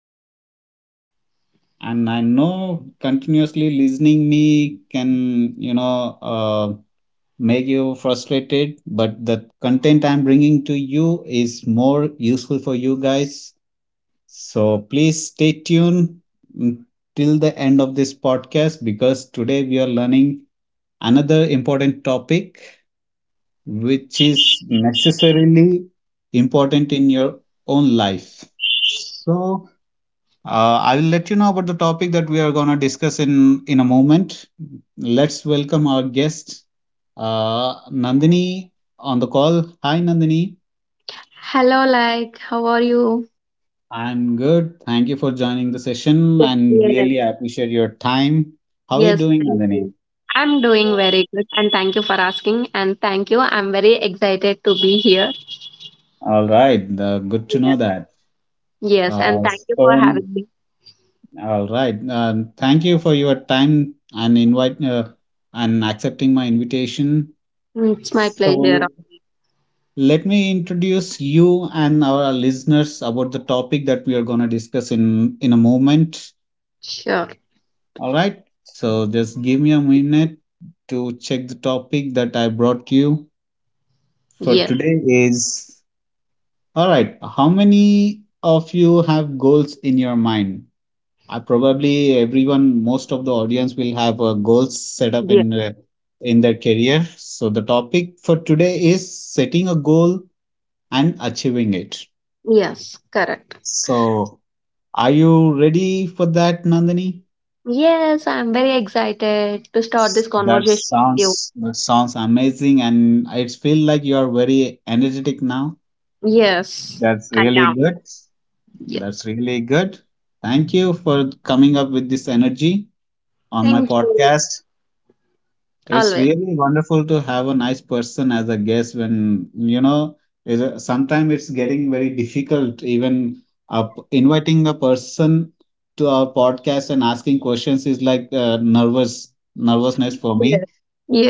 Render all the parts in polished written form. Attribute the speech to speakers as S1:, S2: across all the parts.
S1: today. And I know continuously listening me can, make you frustrated, but the content I'm bringing to you is more useful for you guys. So please stay tuned mm, till the end of this podcast because today we are learning another important topic which is necessarily important in your own life. So I will let you know about the topic that we are going to discuss in a moment. Let's welcome our guest, Nandini, on the call. Hi, Nandini.
S2: Hello, like, how are you?
S1: I'm good. Thank you for joining the session,
S2: Yes,
S1: and
S2: yes,
S1: really I appreciate your time. How are you
S2: yes,
S1: doing,
S2: thank
S1: Nandini?
S2: you. I'm doing very good, and thank you for asking. And thank you, I'm very excited to be here.
S1: All right, good to know
S2: Yes,
S1: that.
S2: yes, and
S1: Uh,
S2: thank you for
S1: so
S2: having me.
S1: all right. Thank you for your time and invite and accepting my invitation.
S2: Mm, it's my pleasure.
S1: So let me introduce you and our listeners about the topic that we are going to discuss in a moment.
S2: Sure.
S1: All right. So just give me a minute to check the topic that I brought you for
S2: Yes.
S1: today is all right. How many of you have goals in your mind? I probably everyone, most of the audience will have goals set up
S2: Yes,
S1: in their career. So the topic for today is setting a goal and achieving it.
S2: yes. Correct.
S1: So are you ready for that, Nandini?
S2: Yes, I'm very excited to start this
S1: That
S2: conversation with you.
S1: sounds that sounds amazing, and it feel like you are very energetic now.
S2: Yes,
S1: That's
S2: I
S1: really
S2: am.
S1: good. That's
S2: Yes.
S1: really good. Thank you for coming up with this energy on my
S2: Thank you.
S1: podcast. It's
S2: Always.
S1: really wonderful to have a nice person as a guest when, you know, sometimes it's getting very difficult even inviting a person to our podcast and asking questions is like nervousness for me.
S2: Yes.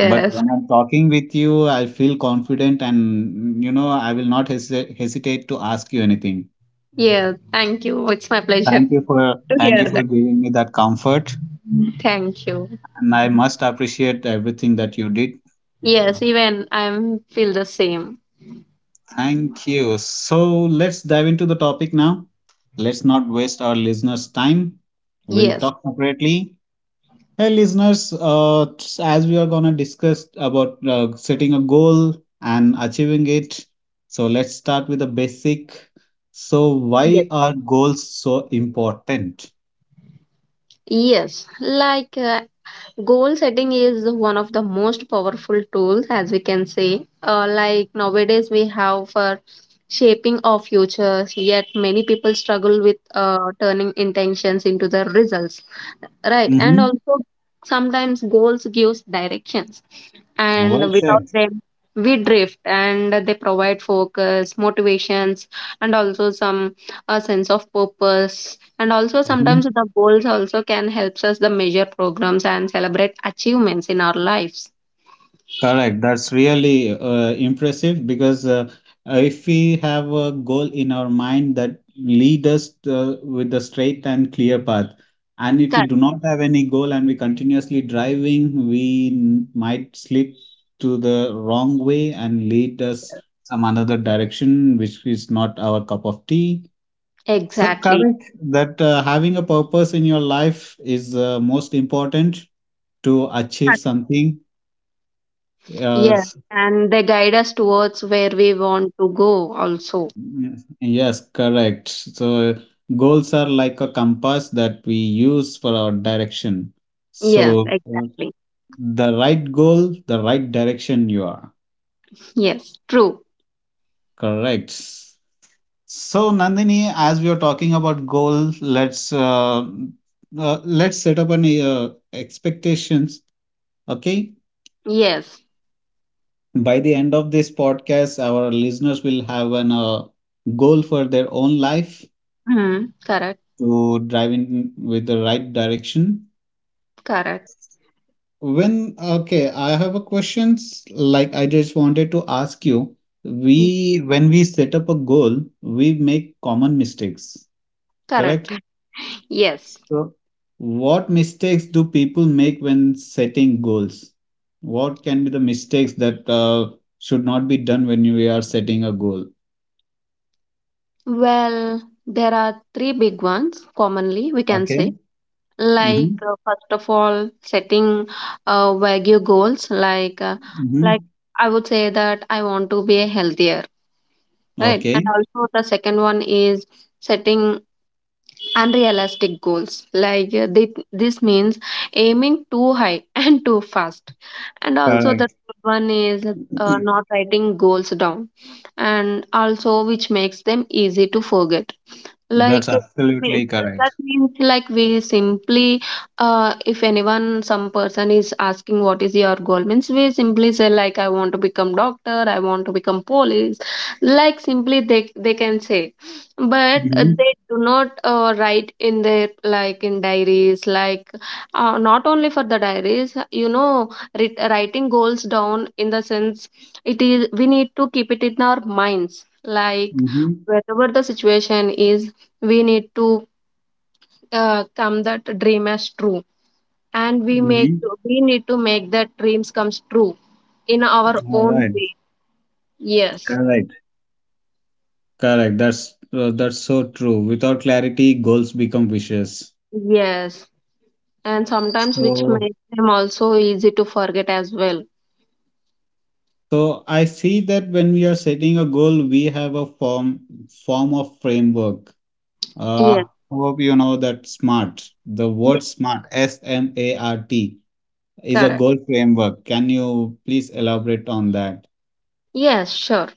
S1: But when I'm talking with you, I feel confident and, you know, I will not hesitate to ask you anything.
S2: Yes. Thank you. It's my pleasure
S1: Thank you
S2: to
S1: for thank
S2: hear
S1: you for
S2: that.
S1: giving me that comfort,
S2: Thank you.
S1: and I must appreciate everything that you did.
S2: Yes, even I'm feel the same.
S1: Thank you. So let's dive into the topic now. Let's not waste our listeners' time. We'll
S2: Yes.
S1: talk separately. Hey, listeners, as we are going to discuss about setting a goal and achieving it, so let's start with the basic. So,
S2: Yes.
S1: why are goals so important?
S2: Yes. Like goal setting is one of the most powerful tools as we can say. Like nowadays we have for shaping our futures, yet many people struggle with turning intentions into the results. Right, and
S1: Mm-hmm.
S2: also sometimes goals gives directions, and
S1: Well
S2: without
S1: said.
S2: them we drift, and they provide focus motivations and also some a sense of purpose. And also sometimes
S1: Mm-hmm.
S2: the goals also can helps us the measure programs and celebrate achievements in our lives.
S1: Correct. That's really impressive because if we have a goal in our mind that lead us with a straight and clear path, and if we
S2: Correct.
S1: do not have any goal and we continuously driving, we might slip to the wrong way and lead us some another direction, which is not our cup of tea. So
S2: Exactly.
S1: correct that having a purpose in your life is most important to achieve
S2: Correct.
S1: something. Uh,
S2: Yes, and they guide us towards where we want to go also.
S1: Yes, yes, correct. So goals are like a compass that we use for our direction.
S2: Yes,
S1: So
S2: exactly.
S1: the right goal, the right direction you are.
S2: Yes, true.
S1: Correct. So Nandini, as we are talking about goals, let's set up an expectations. Okay.
S2: Yes.
S1: By the end of this podcast, our listeners will have an goal for their own life
S2: Hmm, correct.
S1: to drive in with the right direction.
S2: Correct.
S1: When, okay, I have a questions like I just wanted to ask you.
S2: Ye-
S1: We, when we set up a goal, we make common mistakes, correct?
S2: Correct. Yes.
S1: So, what mistakes do people make when setting goals? What can be the mistakes that should not be done when we are setting a goal?
S2: Well, there are three big ones commonly we can say.
S1: Okay.
S2: Like
S1: Mm-hmm.
S2: first of all, setting Wagyu goals. Like
S1: Mm-hmm.
S2: I would say that I want to be a healthier, right? And
S1: Okay.
S2: also the second one is setting unrealistic goals like this means aiming too high and too fast. And also the
S1: Correct.
S2: third one is not writing goals down, and also which makes them easy to forget.
S1: That's
S2: Like, it means,
S1: absolutely correct.
S2: that means, like we simply, if anyone, some person is asking what is your goal, means we simply say like I want to become doctor, I want to become police. Like simply they can say, but
S1: Mm-hmm.
S2: they do not write in their like in diaries. Like, not only for the diaries, writing goals down in the sense it is we need to keep it in our minds. Like
S1: Mm-hmm.
S2: whatever the situation is, we need to come that dream as true, and
S1: Mm-hmm.
S2: we need to make that dreams comes true in our
S1: All
S2: own
S1: right.
S2: way. Yes.
S1: Correct. Correct. That's so true. Without clarity, goals become wishes.
S2: Yes, and sometimes which
S1: So
S2: makes them also easy to forget as well.
S1: so I see that when we are setting a goal, we have a form of framework. Uh,
S2: Yes.
S1: Hope you know that SMART. The
S2: Yes,
S1: word SMART, S M A R T, is a
S2: correct.
S1: goal framework. Can you please elaborate on that?
S2: Yes, sure.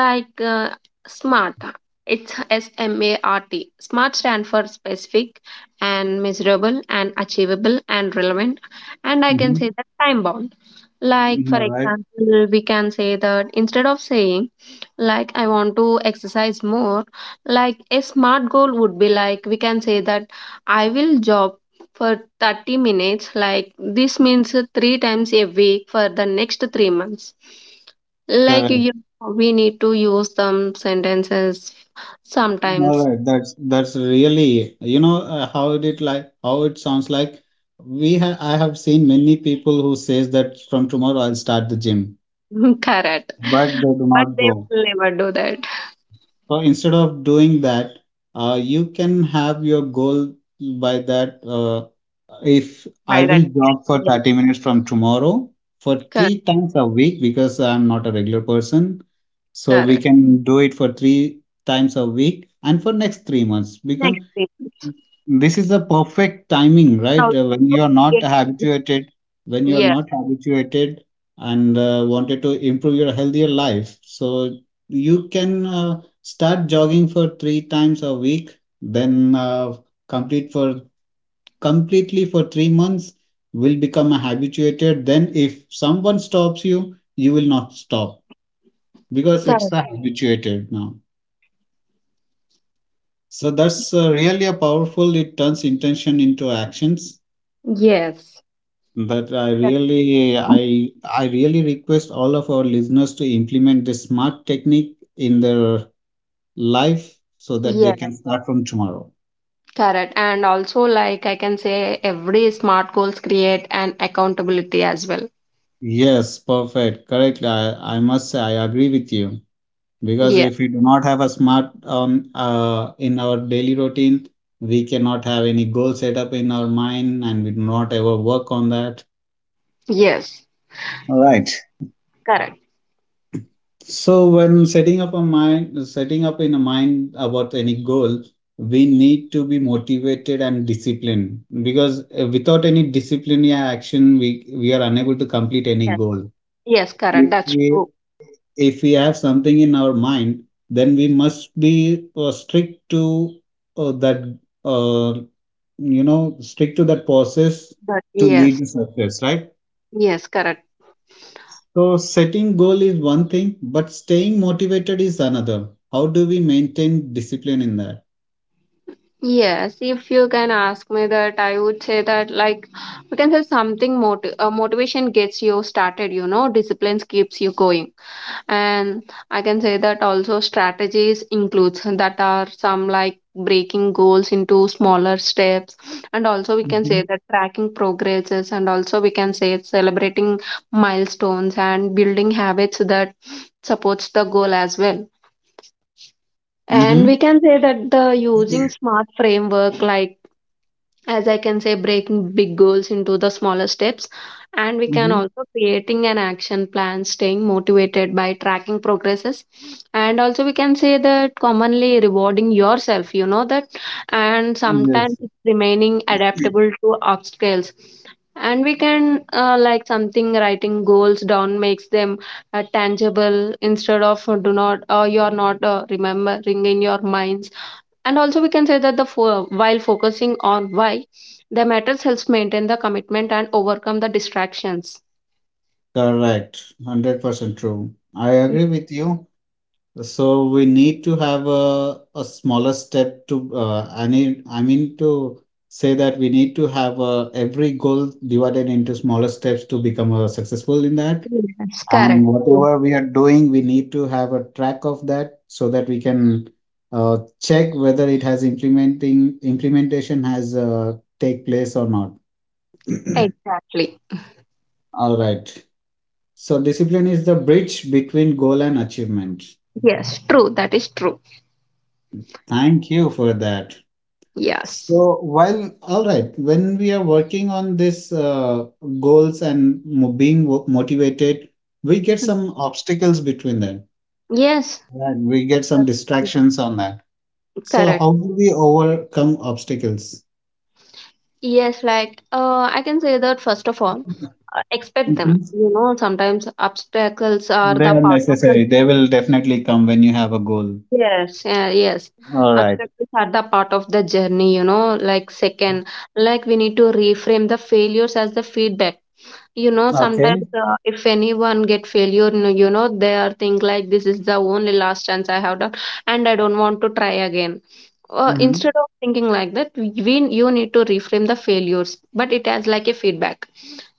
S2: Like smart, it's SMART. SMART stand for specific and measurable and achievable and relevant. And I can say that time bound. Like,
S1: Mm-hmm.
S2: for
S1: All right.
S2: example, we can say that instead of saying, like, I want to exercise more, like, a smart goal would be like, we can say that I will jog for 30 minutes, like, this means three times a week for the next 3 months. Like,
S1: Correct.
S2: you, we need to use some sentences
S1: All
S2: sometimes.
S1: right, that's really you know how it like how it sounds like. We ha I have seen many people who says that from tomorrow I'll start the gym,
S2: Correct.
S1: but they do
S2: But
S1: not
S2: they
S1: go.
S2: will never do that
S1: So instead of doing that, you can have your goal by that. If I
S2: by that
S1: will
S2: time.
S1: jog for
S2: Yes,
S1: 30 minutes from tomorrow for
S2: correct,
S1: three times a week because I'm not a regular person, so we
S2: correct.
S1: can do it for three times a week and for next 3 months
S2: Next
S1: become
S2: thing.
S1: this is the perfect timing
S2: And
S1: right. When you
S2: also
S1: are not
S2: get injured.
S1: habituated when you are
S2: Yes,
S1: not habituated and wanted to improve your healthier life so you can start jogging for three times a week then complete for completely for 3 months will become a habituated then if someone stops you you will not stop because it's
S2: correct.
S1: a habituated now so that's really a powerful it turns intention into actions.
S2: Yes.
S1: But I really, I really request all of our listeners to implement the smart technique in their life so that they
S2: Yes,
S1: can start from tomorrow.
S2: correct. And also, like I can say, every smart goals create an accountability as well.
S1: Yes, perfect. Correctly. I must say I agree with you because
S2: Yeah.
S1: if we do not have a smart in our daily routine, we cannot have any goal set up in our mind and we do not ever work on that.
S2: Yes.
S1: All right.
S2: Correct.
S1: So when setting up a mind, setting up in a mind about any goal, we need to be motivated and disciplined because without any discipline yeah, action, we are unable to complete any
S2: Yes,
S1: goal.
S2: yes, correct.
S1: If
S2: That's
S1: we
S2: true.
S1: if we have something in our mind, then we must be strict to that uh, you know strict to that process
S2: But
S1: to lead
S2: yes.
S1: to success, right?
S2: Yes, correct.
S1: So setting goal is one thing, but staying motivated is another. How do we maintain discipline in that?
S2: Yes. If you can ask me that, I would say that like we can say something, motivation gets you started. Disciplines keeps you going. And I can say that also strategies includes that are some, like breaking goals into smaller steps. And also we can
S1: Mm-hmm.
S2: say that tracking progresses, and also we can say it's celebrating milestones and building habits that supports the goal as well. And we
S1: Mm-hmm.
S2: can say that the using smart framework, like as I can say, breaking big goals into the smaller steps, and we can
S1: Mm-hmm.
S2: also creating an action plan, staying motivated by tracking progresses, and also we can say that commonly rewarding yourself, you know that, and sometimes
S1: Yes.
S2: it's remaining adaptable to obstacles. And we can like something writing goals down makes them tangible, instead of do not, or you're not remembering in your mind. And also, we can say that while focusing on why the matters helps maintain the commitment and overcome the distractions.
S1: Correct. 100% true. I agree with you. So we need to have a smaller step to I need I mean to say that we need to have every goal divided into smaller steps to become successful in that.
S2: Yes,
S1: And
S2: correct. True.
S1: whatever we are doing, we need to have a track of that so that we can check whether it has implementing implementation has take place or not.
S2: Exactly.
S1: All right. So discipline is the bridge between goal and achievement.
S2: Yes, true. That is true.
S1: Thank you for that.
S2: Yes.
S1: So while All right, when we are working on this goals and motivated, we get
S2: Hmm.
S1: some obstacles between them.
S2: Yes.
S1: Right. We get
S2: That's
S1: some
S2: true.
S1: distractions on that. So, how
S2: Correct.
S1: do we overcome obstacles?
S2: Yes, like I can say that first of all, expect them.
S1: Mhm.
S2: You know, sometimes obstacles are
S1: They
S2: the
S1: are
S2: part of the.
S1: necessary. They will definitely come when you have a goal.
S2: Yes, yeah, yes.
S1: All right.
S2: Obstacles are the part of the journey, like second, like we need to reframe the failures as the feedback, sometimes
S1: Okay.
S2: if anyone get failure, you know, they are think like this is the only last chance I have done, and I don't want to try again.
S1: Mm-hmm.
S2: Instead of thinking like that, you need to reframe the failures, but it has like a feedback.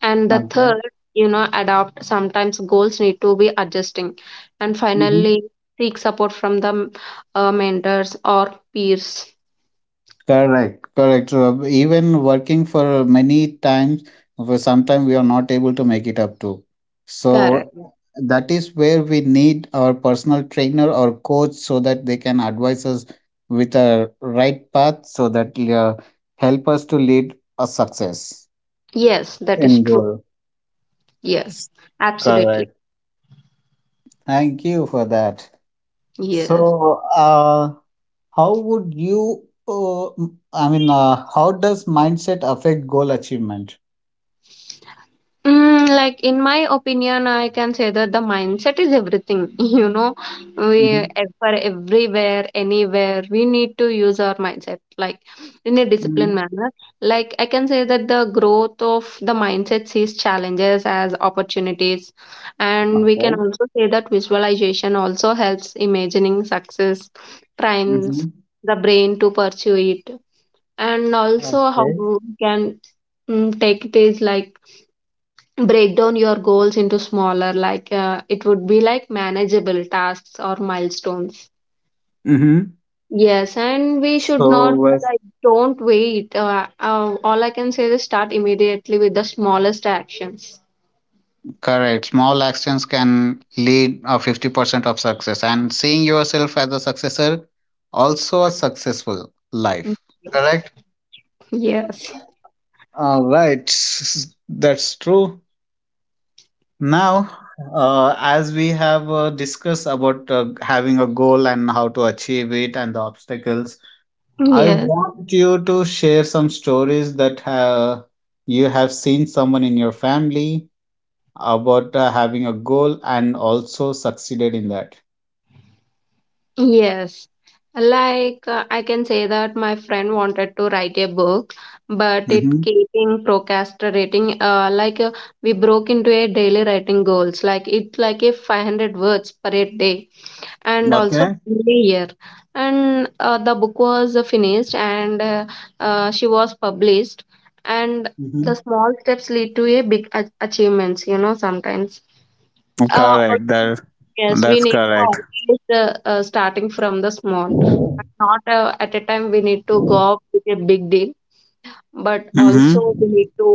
S2: And the third,
S1: Okay.
S2: you know, adapt. Sometimes goals need to be adjusting, and
S1: Mm-hmm.
S2: finally seek support from the mentors or peers.
S1: Correct. Correct. So even working for many times, for sometime we are not able to make it up to.
S2: Correct.
S1: So that is where we need our personal trainer or coach so that they can advise us with a right path so that help us to lead a success
S2: Yes, that is
S1: in
S2: true.
S1: goal.
S2: Yes, absolutely.
S1: Correct. Thank you for that.
S2: Yes.
S1: So, how would you, m- I mean, How does mindset affect goal achievement?
S2: Mm, like in my opinion, I can say that the mindset is everything.
S1: Mm-hmm.
S2: For everywhere, anywhere, we need to use our mindset like in a disciplined
S1: Mm-hmm.
S2: manner. Like I can say that the growth of the mindset sees challenges as opportunities, and we can
S1: Okay.
S2: also say that visualization also helps imagining success, primes
S1: Mm-hmm.
S2: the brain to pursue it, and also how
S1: Okay.
S2: we can take it is like break down your goals into smaller, like it would be like manageable tasks or milestones.
S1: Mm-hmm.
S2: Yes, and we should
S1: So,
S2: not,
S1: with
S2: like don't wait, all I can say is start immediately with the smallest actions.
S1: Correct, small actions can lead a 50% of success, and seeing yourself as a successor, also a successful
S2: Mm,
S1: life. Correct?
S2: yes.
S1: All right. That's true. Now, as we have discussed about having a goal and how to achieve it and the obstacles, I
S2: Yes.
S1: want you to share some stories that you have seen someone in your family about having a goal and also succeeded in that.
S2: Yes, like I can say that my friend wanted to write a book, but it
S1: Hmm
S2: keeping procrastinating, we broke into a daily writing goals, like it's like a 500 words per a day, and also
S1: Okay.
S2: year. And the book was finished, and she was published. And
S1: hmm
S2: the small steps lead to a big achievements, you know, sometimes. uh, al-
S1: Correct.
S2: yes, we
S1: That's
S2: need to
S1: correct.
S2: always, starting from the small, but not at a time. We need to go up with a big deal, but also we need
S1: Mm-hmm.
S2: to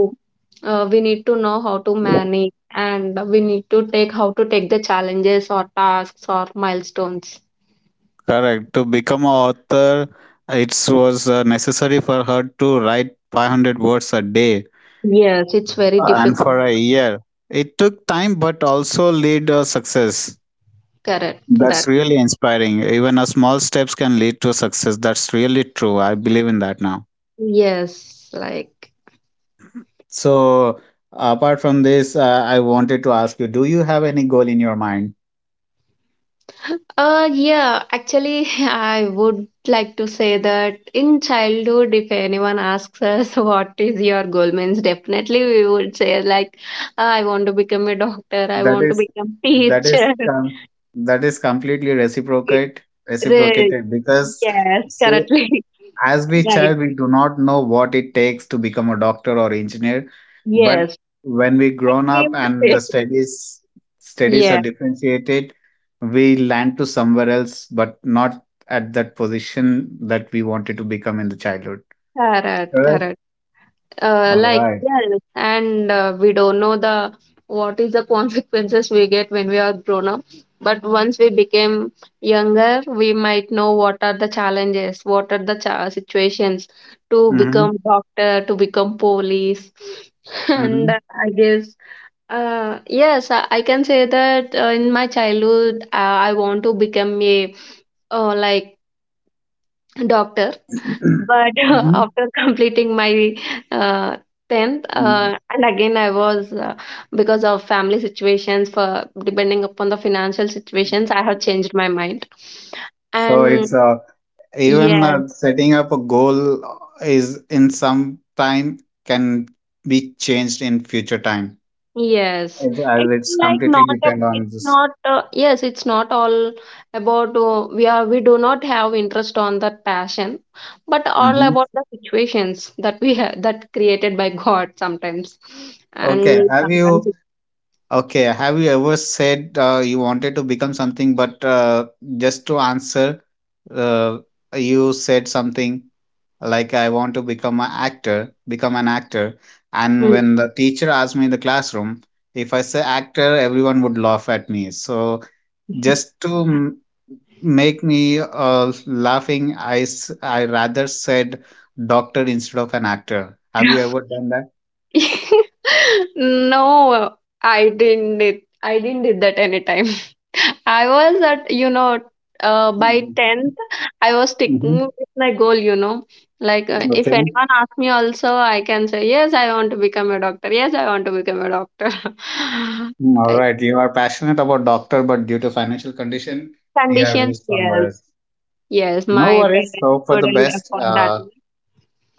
S2: know how to manage, and we need to take how to take the challenges or tasks or milestones.
S1: Correct. To become an author, it was necessary for her to write 500 words a day
S2: Yes, it's very
S1: and
S2: difficult.
S1: for a year. It took time but also led to success.
S2: Correct.
S1: That's
S2: That.
S1: really inspiring. Even a small steps can lead to success. That's really true. I believe in that now.
S2: Yes, like
S1: So apart from this, I wanted to ask you: Do you have any goal in your mind?
S2: yeah, actually, I would like to say that in childhood, if anyone asks us what is your goal means, definitely we would say like I want to become a doctor, I
S1: That
S2: want to
S1: is,
S2: become
S1: that is,
S2: teacher.
S1: com- that is completely
S2: Re-
S1: reciprocated because.
S2: Yes,
S1: Say,
S2: correctly.
S1: as we
S2: Right.
S1: child we do not know what it takes to become a doctor or engineer but
S2: Yes.
S1: when we
S2: Like
S1: grown
S2: we
S1: up
S2: would
S1: and
S2: say.
S1: the studies studies are
S2: Yeah,
S1: differentiated we land to somewhere else but not at that position that we wanted to become in the childhood
S2: correct,
S1: correct
S2: correct.
S1: all
S2: Like,
S1: right.
S2: yes, and we don't know the what is the consequences we get when we are grown up. But once we became younger, we might know what are the challenges, what are the situations to
S1: Mm-hmm.
S2: become doctor, to become police. And
S1: Mm-hmm.
S2: I guess, yes, I can say that in my childhood, I want to become a, uh, like doctor. But
S1: Mm-hmm.
S2: after completing my uh, 10th,
S1: Yeah.
S2: and again, I was, because of family situations, for depending upon the financial situations, I have changed my mind.
S1: so
S2: And
S1: it's even
S2: yes,
S1: Setting up a goal is in some time can be changed in future time.
S2: yes,
S1: It's, as
S2: it's
S1: it's
S2: like not
S1: completely
S2: a,
S1: depend on
S2: it's
S1: this.
S2: not, yes, it's not all about we do not have interest on that passion, but all
S1: Hmm
S2: about the situations that we have, that created by God sometimes,
S1: Okay,
S2: and
S1: have
S2: sometimes
S1: you okay? Have you ever said you wanted to become something, but just to answer, uh, you said something like "I want to become an actor, and
S2: Hmm.
S1: when the teacher asked me in the classroom if I say actor, everyone would laugh at me. So just make me laughing I rather said doctor instead of an actor. Have you ever done that?
S2: No, I didn't did that anytime. I was at, by
S1: Mm-hmm.
S2: 10th, I was sticking with my goal. Like, if
S1: Okay.
S2: anyone asks me also, I can say, yes, I want to become a doctor. Yes, I want to become a doctor.
S1: Mm, all
S2: I-
S1: right, you are passionate about doctor, but due to financial condition you have
S2: Conditions,
S1: reached somewhere
S2: yes.
S1: else.
S2: Yes,
S1: No
S2: my
S1: worries,
S2: parents
S1: hope for the
S2: couldn't
S1: best.
S2: afford that much.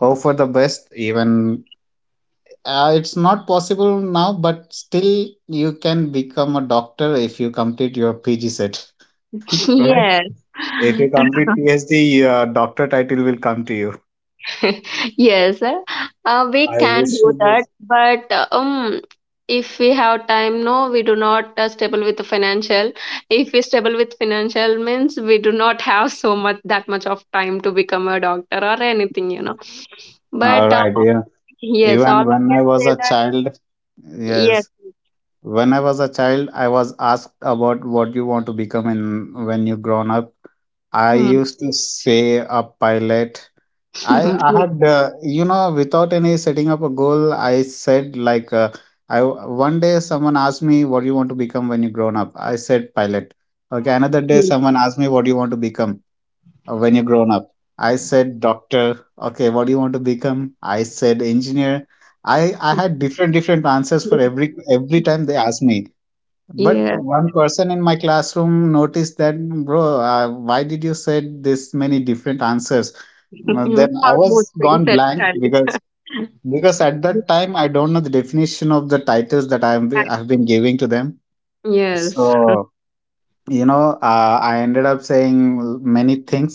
S1: Hope for the best even it's not possible now, but still you can become a doctor if you complete your pg set, right?
S2: Yes.
S1: If you complete PhD, your doctor title will come to you.
S2: Yes, we
S1: I
S2: can
S1: wish
S2: do
S1: you
S2: that,
S1: this.
S2: but if we have time, no, we do not stable with the financial. If we stable with financial means, we do not have so much that much of time to become a doctor or anything.
S1: All
S2: But
S1: right, yeah.
S2: yes,
S1: Even
S2: all I
S1: when I
S2: can
S1: was
S2: say
S1: a
S2: that
S1: child,
S2: yes.
S1: yes. When I was a child, I was asked about what you want to become in when you grown up. I
S2: Hmm.
S1: used to say a pilot. I had without any setting up a goal, I said like I one day someone asked me what do you want to become when you grown up. I said pilot. Okay, another day
S2: Yeah,
S1: someone asked me what do you want to become, when you are grown up. I said doctor. Okay, what do you want to become? I said engineer. I had different different answers for every time they asked me. But
S2: yeah.
S1: one person in my classroom noticed that, bro, why did you said this many different answers? Then
S2: How
S1: I
S2: most
S1: was
S2: things
S1: gone
S2: at
S1: blank
S2: times.
S1: because at that time I don't know the definition of the titles that I've been giving to them.
S2: Yes.
S1: So I ended up saying many things,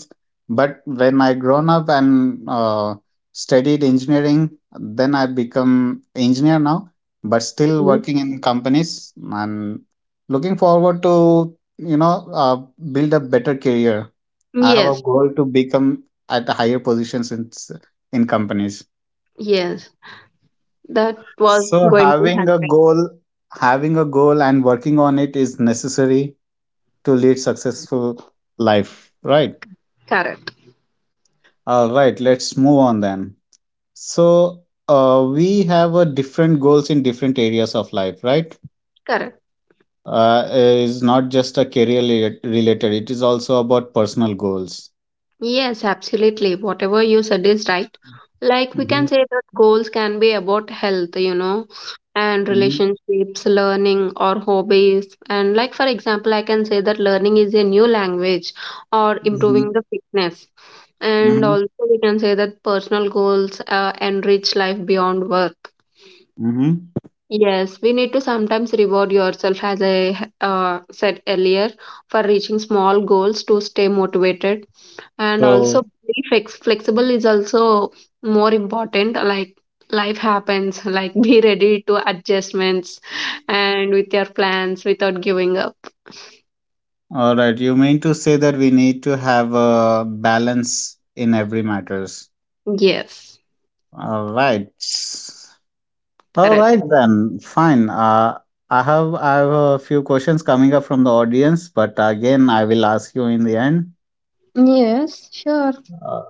S1: but when I grown up and studied engineering, then I become engineer now, but still
S2: Mm.
S1: working in companies and looking forward to build a better career. I have a
S2: Yes.
S1: goal to become at higher positions in companies.
S2: Yes. That was
S1: So
S2: going to
S1: having a
S2: happen.
S1: goal, having a goal and working on it is necessary to lead successful life, right?
S2: Correct,
S1: All right, let's move on then. So, we have a different goals in different areas of life, right?
S2: correct.
S1: It's not just a career related, it is also about personal goals.
S2: Yes, absolutely. Whatever you said is right. Like we can
S1: Mm-hmm.
S2: say that goals can be about health, and
S1: Mm-hmm.
S2: relationships, learning, or hobbies. And, like, for example, I can say that learning is a new language or improving the fitness. And
S1: Mm-hmm.
S2: also, we can say that personal goals enrich life beyond work.
S1: Mm-hmm.
S2: Yes, we need to sometimes reward yourself, as I said earlier, for reaching small goals to stay motivated. And also,
S1: So,
S2: be flexible is also more important. Like life happens, like be ready to adjustments and with your plans without giving up.
S1: all right, you mean to say that we need to have a balance in every matters.
S2: Yes,
S1: All right. All
S2: correct.
S1: right then, fine. I have a few questions coming up from the audience, but again I will ask you in the end.
S2: Yes, sure.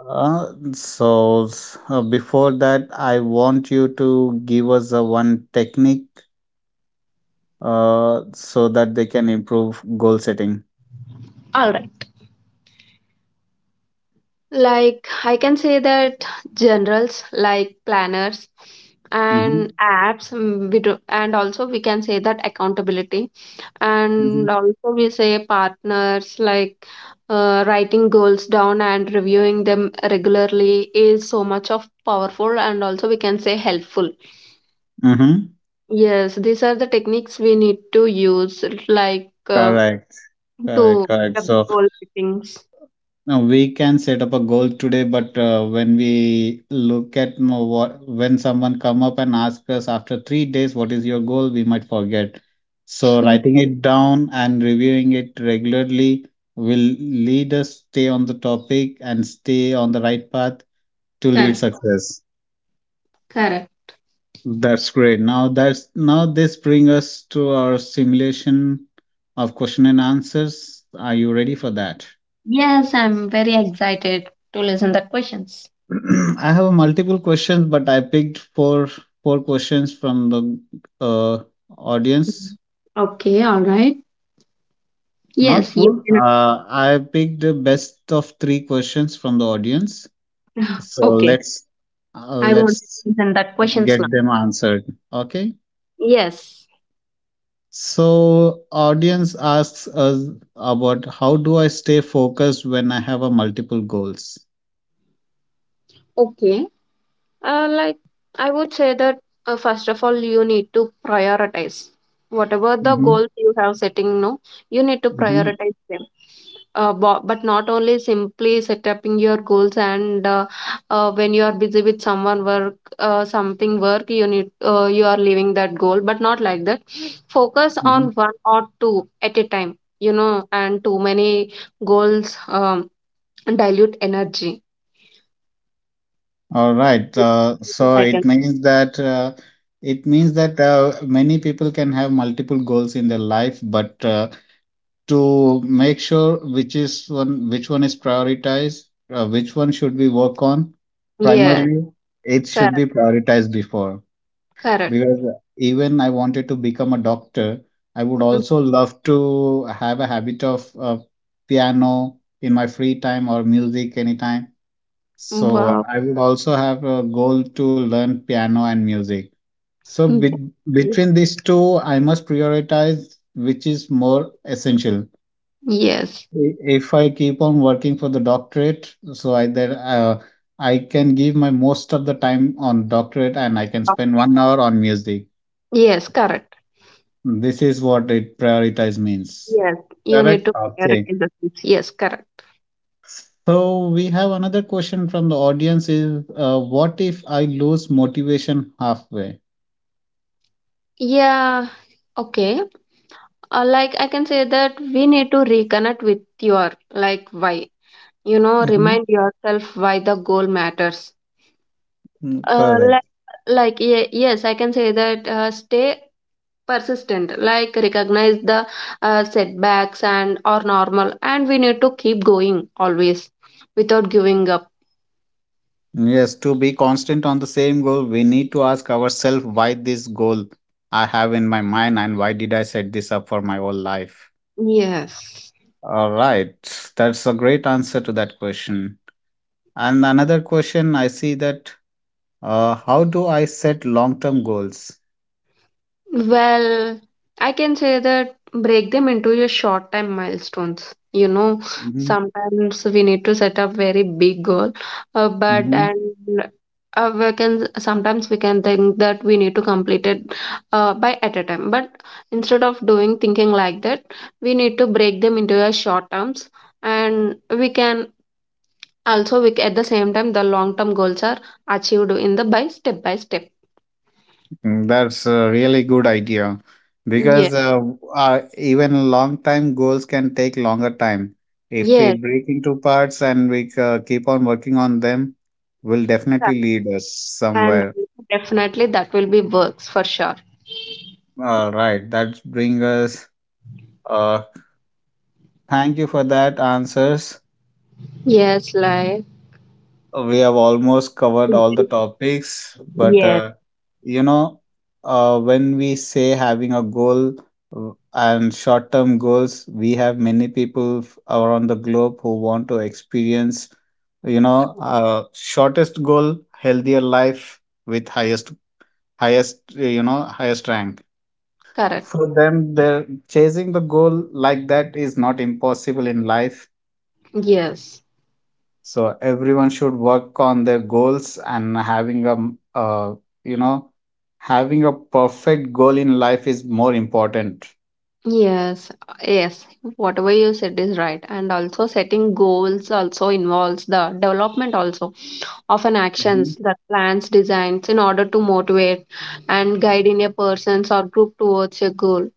S1: Before that, I want you to give us a one technique so that they can improve goal setting.
S2: All right. Like, I can say that generals like planners and
S1: Mm-hmm.
S2: apps, we do, and also we can say that accountability, and
S1: Mm-hmm.
S2: also we say partners like writing goals down and reviewing them regularly is so much of powerful and also we can say helpful.
S1: Mm-hmm.
S2: Yes, these are the techniques we need to use, like
S1: Correct. Correct.
S2: to
S1: Correct.
S2: pick up the
S1: So
S2: goal settings.
S1: now we can set up a goal today, but when we look at when someone come up and ask us after 3 days, what is your goal? We might forget. So writing it down and reviewing it regularly will lead us stay on the topic and stay on the right path to lead
S2: Correct,
S1: success.
S2: correct.
S1: That's great. Now that's now this brings us to our simulation of question and answers. Are you ready for that?
S2: Yes, I'm very excited to listen the questions.
S1: I have multiple questions, but I picked four questions from the uh, audience.
S2: Mm. Okay, all right.
S1: Not
S2: Yes, you
S1: four.
S2: can.
S1: I picked the best of three questions from the audience. So
S2: Okay, I want. To
S1: let's
S2: Listen that questions
S1: get
S2: now.
S1: them answered. Okay.
S2: Yes.
S1: So audience asks us about how do I stay focused when I have a multiple goals.
S2: Okay, like I would say that first of all, you need to prioritize whatever the
S1: Hmm.
S2: goals you have setting. No, you need to
S1: Hmm.
S2: prioritize them. But not only simply setting your goals and when you are busy with someone work something work you need, you are leaving that goal but not like that, focus on one or two at a time, you know, and too many goals dilute energy,
S1: All right. So it means that many people can have multiple goals in their life, but to make sure which is one, which one is prioritized, which one should we work on,
S2: yes,
S1: primarily it should be
S2: correct.
S1: prioritized before.
S2: Correct.
S1: Because even I wanted to become a doctor, I would also love to have a habit of piano in my free time or music anytime,
S2: Mm.
S1: so
S2: Wow.
S1: I would also have a goal to learn piano and music. So
S2: Mm.
S1: between these two, I must prioritize which is more essential.
S2: Yes.
S1: If I keep on working for the doctorate, so I that I can give my most of the time on doctorate and I can
S2: Wow.
S1: spend 1 hour on music.
S2: Yes, correct.
S1: This is what it prioritize means.
S2: Yes. You need
S1: Correct?
S2: to
S1: Okay.
S2: prioritize the things. Yes, correct.
S1: So we have another question from the audience is, what if I lose motivation halfway?
S2: Yeah. Okay. Like I can say that we need to reconnect with your like why. You know,
S1: Mhm.
S2: remind yourself why the goal matters.
S1: Mm,
S2: Uh,
S1: correct.
S2: like, yes, I can say that stay persistent. Like recognize the setbacks and are normal, and we need to keep going always without giving up.
S1: Yes, to be constant on the same goal, we need to ask ourselves why this goal I have in my mind and why did I set this up for my whole life?
S2: Yes.
S1: All right, that's a great answer to that question. And another question I see that, how do I set long term goals?
S2: Well, I can say that break them into your short time milestones. You know, sometimes we need to set up very big goal, but
S1: Mm-hmm.
S2: and we can sometimes we can think that we need to complete it by at a time. But instead of doing thinking like that, we need to break them into a short terms, and we can also we at the same time the long term goals are achieved in the by step by step.
S1: Mm, that's a really good idea
S2: Yeah.
S1: because even long time goals can take longer time. If we
S2: Yes.
S1: break into parts and we keep on working on them, will definitely lead us
S2: And
S1: somewhere.
S2: definitely that will be works for sure.
S1: All right, that brings us. Uh, thank you for that answers.
S2: Yes, like
S1: We have almost covered all the topics, but
S2: yes.
S1: you know when we say having a goal and short term goals, we have many people around the globe who want to experience shortest goal, healthier life with highest highest highest rank.
S2: Correct.
S1: For them, they're chasing the goal like that is not impossible in life.
S2: Yes.
S1: So everyone should work on their goals and having a uh, you know having a perfect goal in life is more important.
S2: Yes. Yes. Whatever you said is right. And also setting goals also involves the development also of an actions
S1: Mm-hmm.
S2: that plans designs in order to motivate and guide in a person's or group towards a goal.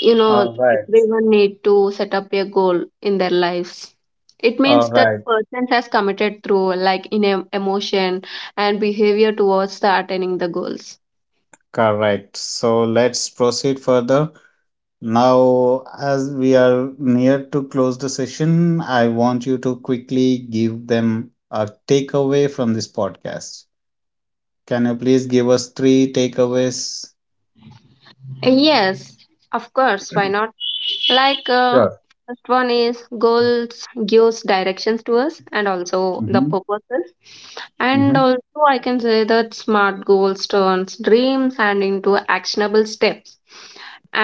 S2: You know
S1: All right.
S2: everyone need to set up a goal in their lives, it means
S1: All
S2: that
S1: right,
S2: person has committed through like in emotion and behavior towards the attaining the goals.
S1: correct. So let's proceed further. Now, as we are near to close the session, I want you to quickly give them a takeaway from this podcast. Can you please give us three takeaways?
S2: Yes, of course, why not. Like, uh,
S1: Sure.
S2: first one is goals gives directions to us and also the
S1: Mm-hmm.
S2: purposes. And
S1: Mm-hmm.
S2: also, I can say that SMART goals turns dreams and into actionable steps.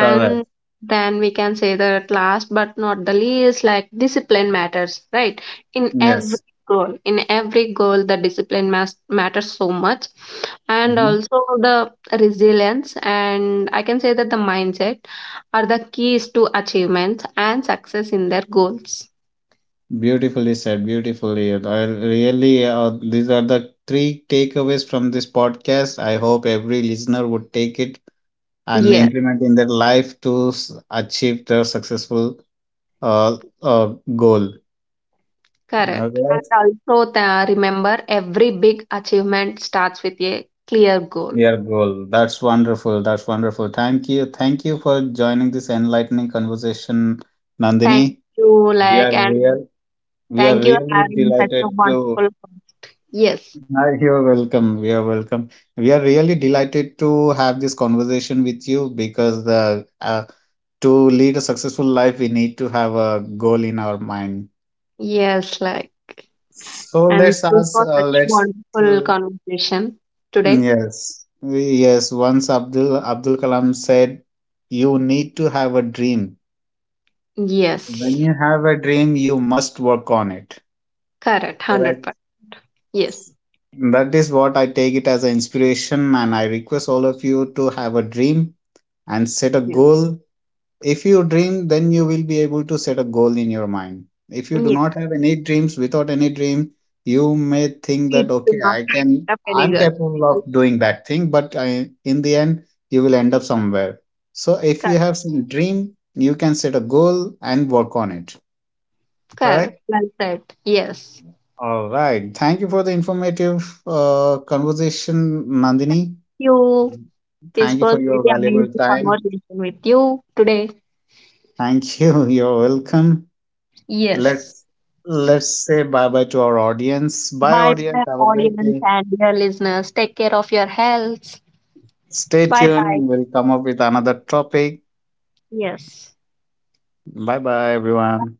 S1: All right.
S2: then we can say that last but not the least, like discipline matters, right? In every
S1: Yes.
S2: in every goal, the discipline matters so much, and
S1: Mm-hmm.
S2: also the resilience. And I can say that the mindset are the keys to achievement and success in their goals.
S1: Beautifully said, beautifully. I really, these are the three takeaways from this podcast. I hope every listener would take it and
S2: Yes,
S1: implement in their life to achieve their successful goal. All
S2: correct. And
S1: right,
S2: also, the, remember every big achievement starts with a clear goal.
S1: your goal. That's wonderful. That's wonderful. Thank you. Thank you for joining this enlightening conversation,
S2: Thank
S1: Nandini.
S2: you,
S1: We
S2: like,
S1: are
S2: and
S1: real. We are
S2: thank you for
S1: really
S2: having such
S1: delighted
S2: a
S1: to
S2: wonderful. Con- Yes,
S1: hi, you're welcome. We are welcome. We are really delighted to have this conversation with you because to lead a successful life, we need to have a goal in our mind.
S2: yes, like,
S1: So
S2: and
S1: let's
S2: this
S1: ask.
S2: was such
S1: Let's
S2: wonderful
S1: uh,
S2: conversation today.
S1: yes, yes. Once Abdul Abdul Kalam said, "You need to have a dream. When
S2: Yes,
S1: you have a dream, you must work on it."
S2: correct, hundred
S1: Correct.
S2: percent. Yes,
S1: That is what I take it as an inspiration, and I request all of you to have a dream and set a
S2: yes,
S1: goal. If you dream, then you will be able to set a goal in your mind. If you do
S2: yes.
S1: not have any dreams, without any dream, you may think that,
S2: We do
S1: okay,
S2: not
S1: I can,
S2: have up any
S1: I'm
S2: girl.
S1: capable of doing that thing, but I, in the end, you will end up somewhere. So if
S2: Correct,
S1: you have some dream, you can set a goal and work on it.
S2: correct.
S1: Correct?
S2: Well said. Yes.
S1: All right. Thank you for the informative conversation, Nandini.
S2: You. This
S1: Thank you for
S2: was
S1: your
S2: really
S1: valuable
S2: amazing
S1: time.
S2: conversation with you today.
S1: Thank you. You're welcome.
S2: Yes.
S1: Let's let's say bye bye to our audience. Bye
S2: Bye
S1: audience.
S2: bye,
S1: Have a great
S2: audience
S1: day.
S2: and dear listeners. Take care of your health.
S1: Stay
S2: Bye bye.
S1: tuned. We'll come up with another topic.
S2: Yes.
S1: Bye bye everyone.